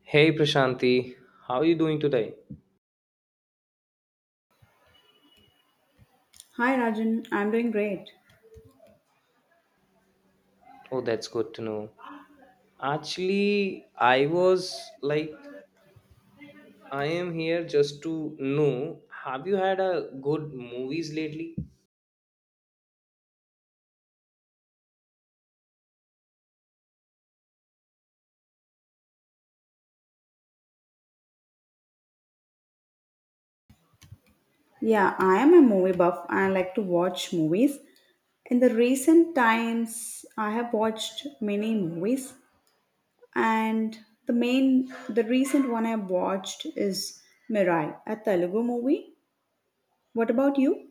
Hey Prashanti, how are you doing today? Hi Rajan, I'm doing great. Oh, that's good to know. Actually, I was like, I am here just to know. Have you had a good movies lately? Yeah, I am a movie buff. I like to watch movies. In the recent times, I have watched many movies, and the recent one I watched is Mirai, a Telugu movie. What about you?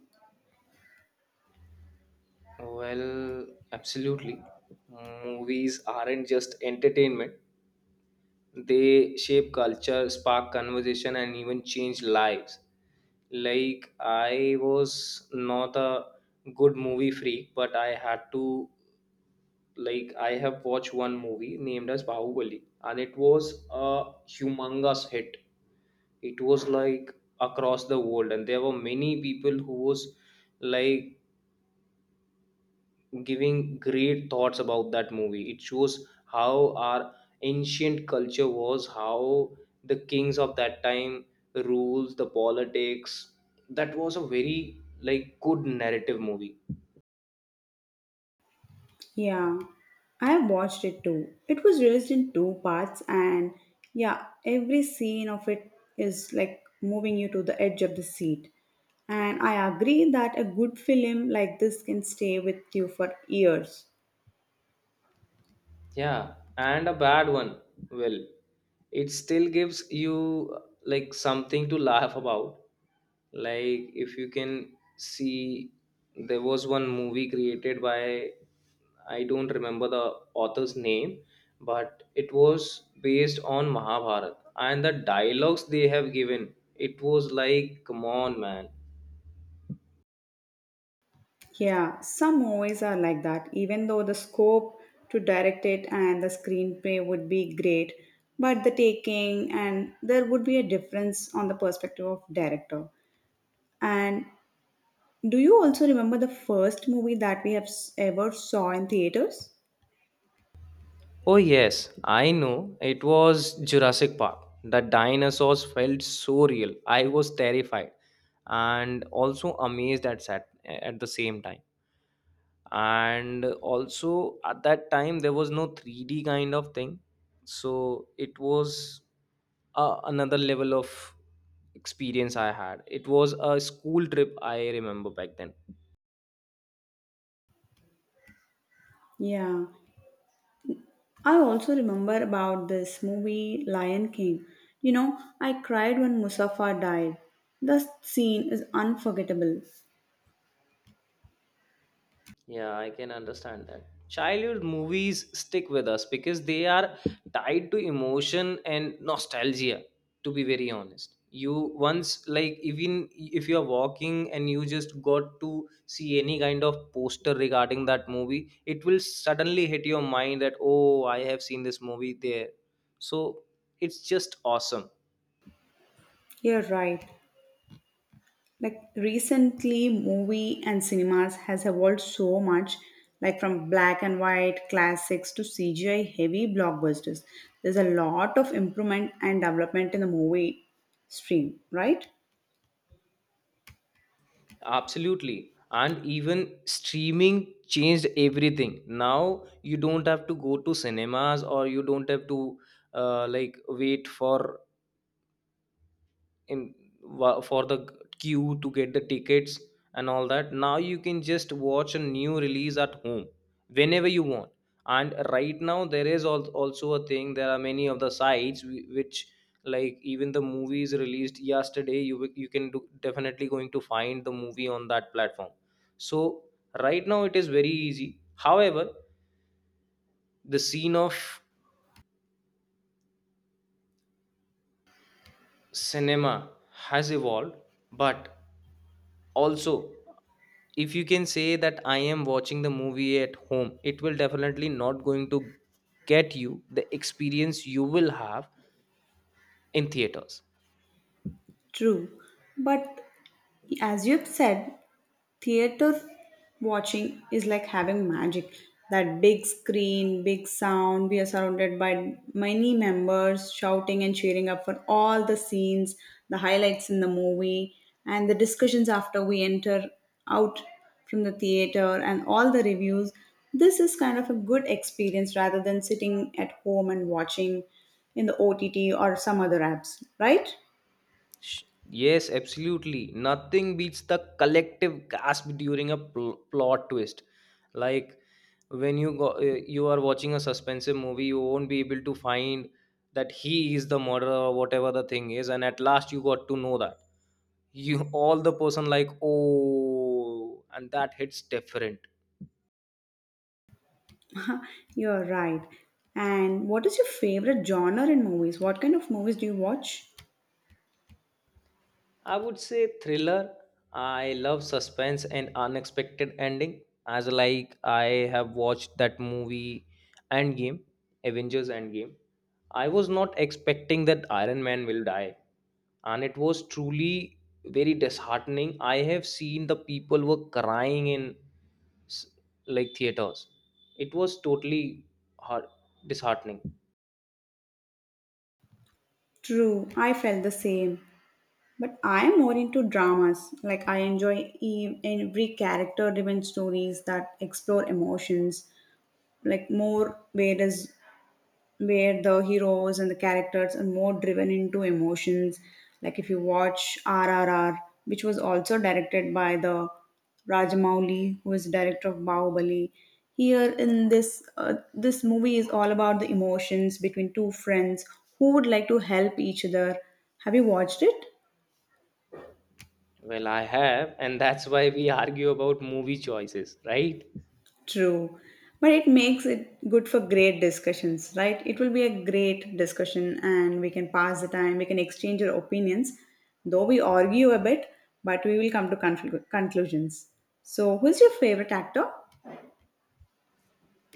Well, absolutely. Movies aren't just entertainment, they shape culture, spark conversation, and even change lives. Like, I was not a good movie freak, but I had to like I have watched one movie named as Bahubali, and it was a humongous hit. It was like across the world, and there were many people who was like giving great thoughts about that movie. It shows how our ancient culture was, how the kings of that time rules the politics. That was a very like good narrative movie. Yeah, I have watched it too. It was released in two parts, and yeah, every scene of it is like moving you to the edge of the seat. And I agree that a good film like this can stay with you for years. Yeah, and a bad one. Well, it still gives you like something to laugh about. Like if you can see, there was one movie created by I don't remember the author's name, but it was based on Mahabharata and the dialogues they have given. It was like, come on, man. Yeah, some movies are like that, even though the scope to direct it and the screenplay would be great, but the taking and there would be a difference on the perspective of director. And Do you also remember the first movie that we ever saw in theaters? Oh, yes, I know. It was Jurassic Park. The dinosaurs felt so real. I was terrified and also amazed at the same time. And also, at that time, there was no 3D kind of thing. So, it was another level of experience I had. It was a school trip, I remember back then. Yeah. I also remember about this movie Lion King. You know, I cried when Musafa died. The scene is unforgettable. Yeah, I can understand that. Childhood movies stick with us because they are tied to emotion and nostalgia, to be very honest. You once, like, even if you're walking and you just got to see any kind of poster regarding that movie, it will suddenly hit your mind that, oh, I have seen this movie there. So it's just awesome. You're right. Like recently movie and cinemas has evolved so much like from black and white classics to CGI heavy blockbusters. There's a lot of improvement and development in the movie stream, right? Absolutely. And even streaming changed everything. Now you don't have to go to cinemas or you don't have to like wait in for the queue to get the tickets and all that. Now you can just watch a new release at home whenever you want. And right now there is also a thing. There are many of the sites which, like, even the movies released yesterday, you can do, definitely going to find the movie on that platform. So right now it is very easy. However, the scene of cinema has evolved, but also, if you can say that I am watching the movie at home, it will definitely not going to get you the experience you will have in theaters. True, but as you've said, theater watching is like having magic. That big screen, big sound, we are surrounded by many members shouting and cheering up for all the scenes, the highlights in the movie, and the discussions after we enter out from the theater, and all the reviews. This is kind of a good experience rather than sitting at home and watching in the OTT or some other apps, right? Sh- yes, absolutely, nothing beats the collective gasp during a plot twist. Like, when you go, you are watching a suspensive movie, you won't be able to find that he is the murderer or whatever the thing is, and at last you got to know that you all the person, like, oh, and that hits different. You're right. And what is your favorite genre in movies? What kind of movies do you watch? I would say thriller. I love suspense and unexpected ending. As like I have watched that movie Endgame, Avengers Endgame. I was not expecting that Iron Man will die, and it was truly very disheartening. I have seen the people were crying in s- like theaters. It was totally heart- disheartening. True, I felt the same. But I am more into dramas. Like I enjoy every character-driven stories that explore emotions. Like more whereas where the heroes and the characters are more driven into emotions. Like if you watch RRR, which was also directed by the Rajamouli, who is director of Bahubali. Here in this movie is all about the emotions between two friends who would like to help each other. Have you watched it? Well, I have, and that's why we argue about movie choices, right? True. But it makes it good for great discussions, right? It will be a great discussion and we can pass the time, we can exchange our opinions, though we argue a bit, but we will come to conclusions. So, who's your favorite actor?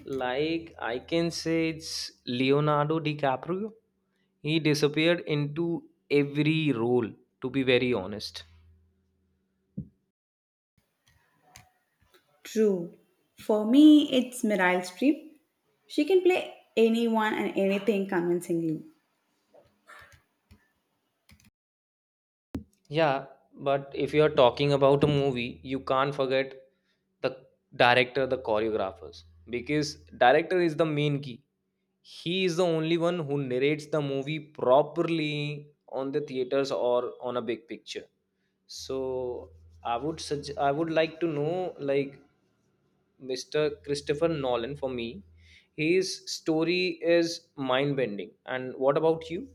Like, I can say it's Leonardo DiCaprio. He disappeared into every role, to be very honest. True. For me, it's Meryl Streep. She can play anyone and anything convincingly. Yeah, but if you're talking about a movie, you can't forget the director, the choreographers, because director is the main key. He is the only one who narrates the movie properly on the theaters or on a big picture. So I would suggest I would like to know, like, Mr. Christopher Nolan for me, his story is mind bending. And what about you?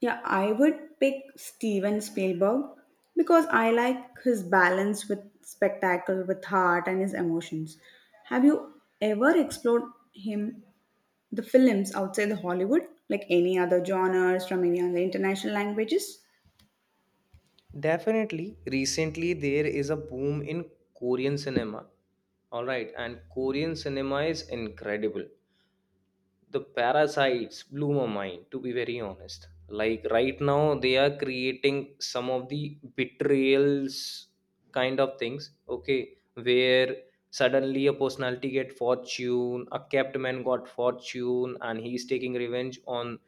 Yeah, I would pick Steven Spielberg because I like his balance with spectacle, with heart, and his emotions. Have you ever explored him, the films outside the Hollywood, like any other genres from any other international languages? Definitely, recently there is a boom in Korean cinema. All right, and Korean cinema is incredible. The parasites blew my mind, to be very honest. Like, right now they are creating some of the betrayals kind of things, okay, where suddenly a personality get fortune, a kept man got fortune, and he's taking revenge on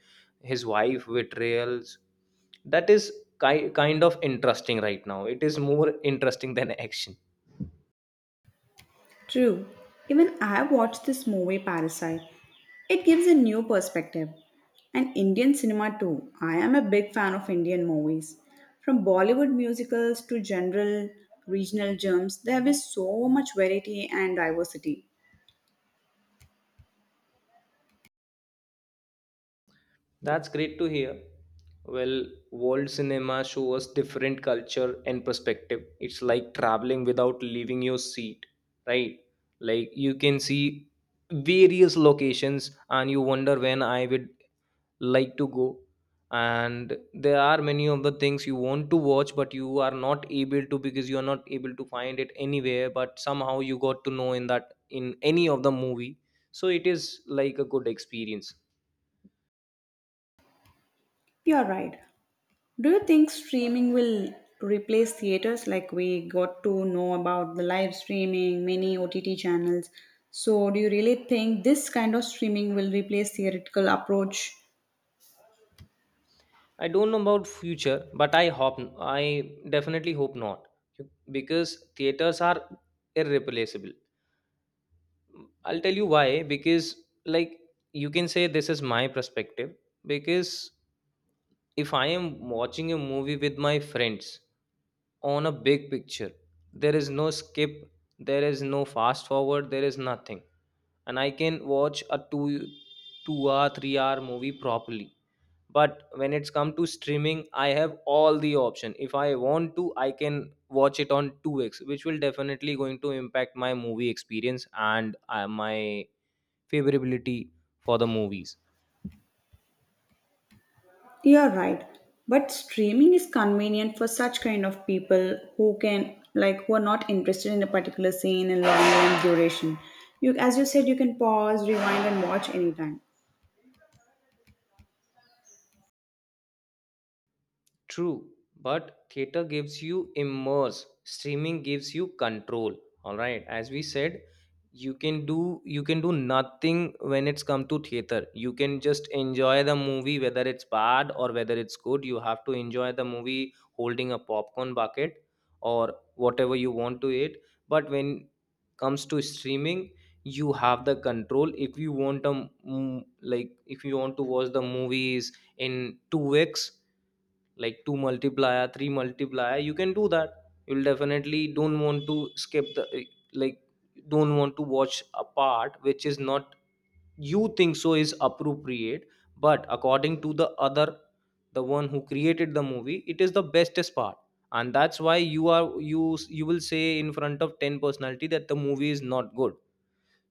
his wife betrayals. That is kind of interesting. Right now it is more interesting than action. True. Even I watched this movie Parasite. It gives a new perspective. And Indian cinema too. I am a big fan of Indian movies. From Bollywood musicals to general regional gems, there is so much variety and diversity. That's great to hear. Well, world cinema shows us different culture and perspective. It's like traveling without leaving your seat, right? Like, you can see various locations and you wonder when I would like to go. And there are many of the things you want to watch, but you are not able to because you are not able to find it anywhere. But somehow you got to know in that in any of the movie. So it is like a good experience. You're right. Do you think streaming will replace theaters like we got to know about the live streaming, many OTT channels? So, do you really think this kind of streaming will replace theatrical approach? I don't know about future, but I definitely hope not, because theaters are irreplaceable. I'll tell you why. Because, like, you can say this is my perspective. Because if I am watching a movie with my friends on a big picture. There is no skip, there is no fast forward, there is nothing. And I can watch a two hour, 3 hour movie properly. But when it's come to streaming, I have all the option. If I want to, I can watch it on 2x, which will definitely going to impact my movie experience and my favorability for the movies. You're right. But streaming is convenient for such kind of people who can like who are not interested in a particular scene and long term duration. You as you said you can pause, rewind and watch anytime. True, but theater gives you immerse, streaming gives you control. All right, as we said, you can do, you can do nothing when it's come to theater. You can just enjoy the movie whether it's bad or whether it's good. You have to enjoy the movie holding a popcorn bucket or whatever you want to eat. But when comes to streaming, you have the control. If you want a like, if you want to watch the movies in 2 weeks, like 2 multiplier 3 multiplier, you can do that. You'll definitely don't want to skip the, like, don't want to watch a part which is not you think so is appropriate, but according to the other, the one who created the movie, it is the bestest part. And that's why you are, you will say in front of 10 personality that the movie is not good.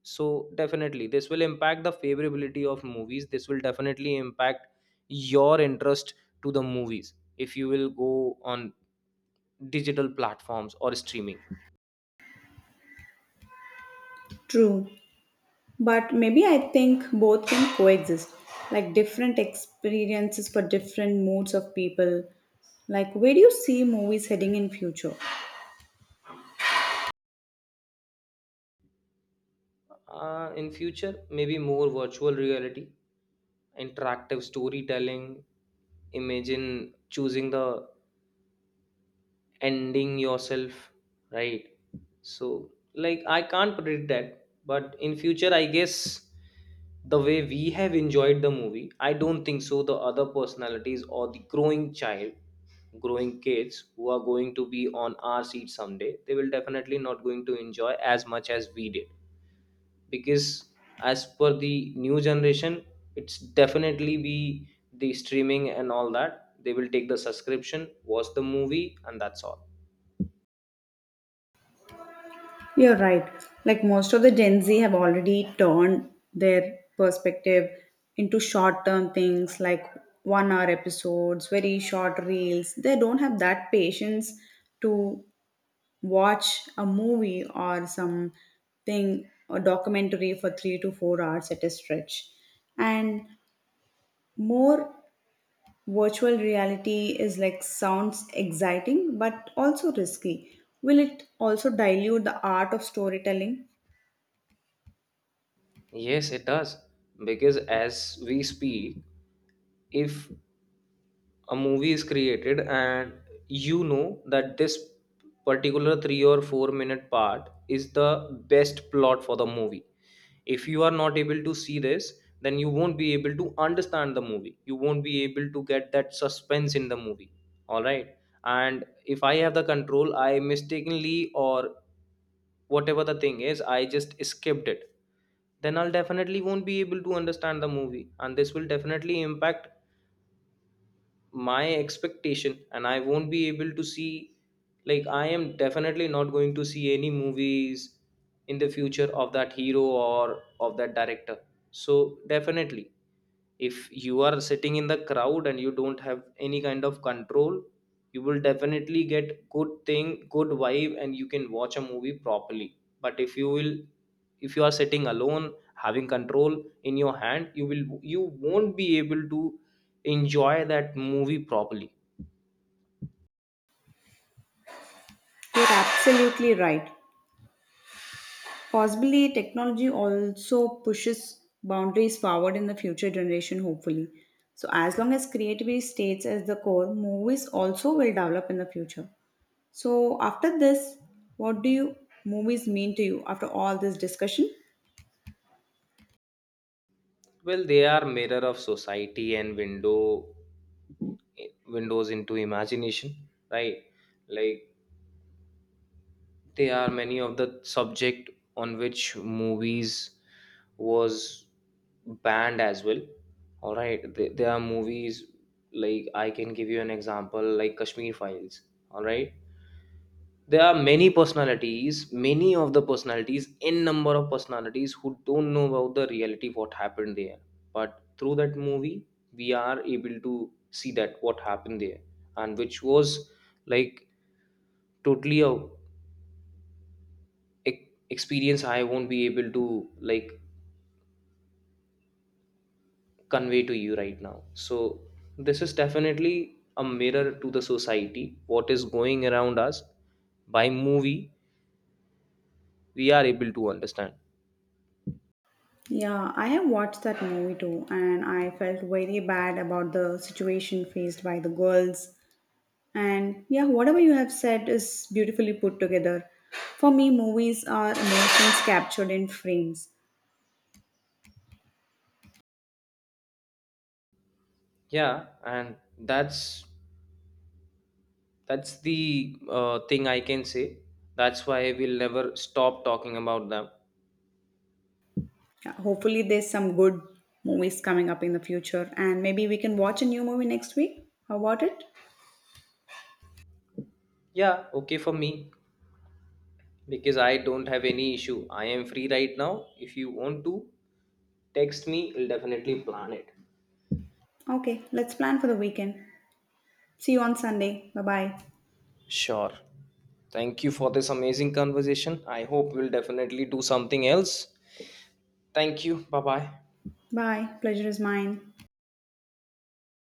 So definitely this will impact the favorability of movies. This will definitely impact your interest to the movies if you will go on digital platforms or streaming. True. But maybe I think both can coexist. Like different experiences for different moods of people. Like where do you see movies heading in future? In future maybe more virtual reality, interactive storytelling. Imagine choosing the ending yourself, right? So, like, I can't predict that, but in future I guess the way we have enjoyed the movie, I don't think so the other personalities or the growing child, growing kids who are going to be on our seat someday, they will definitely not going to enjoy as much as we did. Because as per the new generation, it's definitely be the streaming and all that. They will take the subscription, watch the movie, and that's all. You're right. Like most of the Gen Z have already turned their perspective into short term things like 1 hour episodes, very short reels. They don't have that patience to watch a movie or something, a documentary for 3 to 4 hours at a stretch. And more virtual reality is like sounds exciting but also risky. Will it also dilute the art of storytelling? Yes, it does. Because as we speak, if a movie is created and you know that this particular 3 or 4 minute part is the best plot for the movie, if you are not able to see this, then you won't be able to understand the movie. You won't be able to get that suspense in the movie. All right. And if I have the control, I mistakenly or whatever the thing is, I just skipped it, then I'll definitely won't be able to understand the movie, and this will definitely impact my expectation, and I won't be able to see, like, I am definitely not going to see any movies in the future of that hero or of that director. So definitely, if you are sitting in the crowd and you don't have any kind of control, you will definitely get good thing, good vibe, and you can watch a movie properly. But if you will, if you are sitting alone having control in your hand, you will, you won't be able to enjoy that movie properly. You're absolutely right. Possibly, technology also pushes boundaries forward in the future generation, hopefully. So, as long as creativity stays as the core, movies also will develop in the future. So, after this, what do you movies mean to you after all this discussion? Well, they are mirror of society and windows into imagination, right? Like, they are many of the subject on which movies was banned as well. All right, there are movies, like, I can give you an example like Kashmir Files. All right, there are many personalities, many of the personalities, n number of personalities who don't know about the reality what happened there. But through that movie, we are able to see that what happened there. And which was, like, totally a experience I won't be able to, like, convey to you right now. So this is definitely a mirror to the society what is going around us. By movie we are able to understand. Yeah, I have watched that movie too, and I felt very bad about the situation faced by the girls. And yeah, whatever you have said is beautifully put together. For me, movies are emotions captured in frames. Yeah. And that's that's the thing I can say. That's why we'll never stop talking about them. Yeah, hopefully, there's some good movies coming up in the future, and maybe we can watch a new movie next week. How about it? Yeah, okay, for me, because I don't have any issue, I am free right now. If you want to, text me, I'll definitely plan it. Okay, let's plan for the weekend. See you on Sunday. Bye bye. Sure. Thank you for this amazing conversation. I hope we'll definitely do something else. Thank you, bye bye. Bye. Pleasure is mine.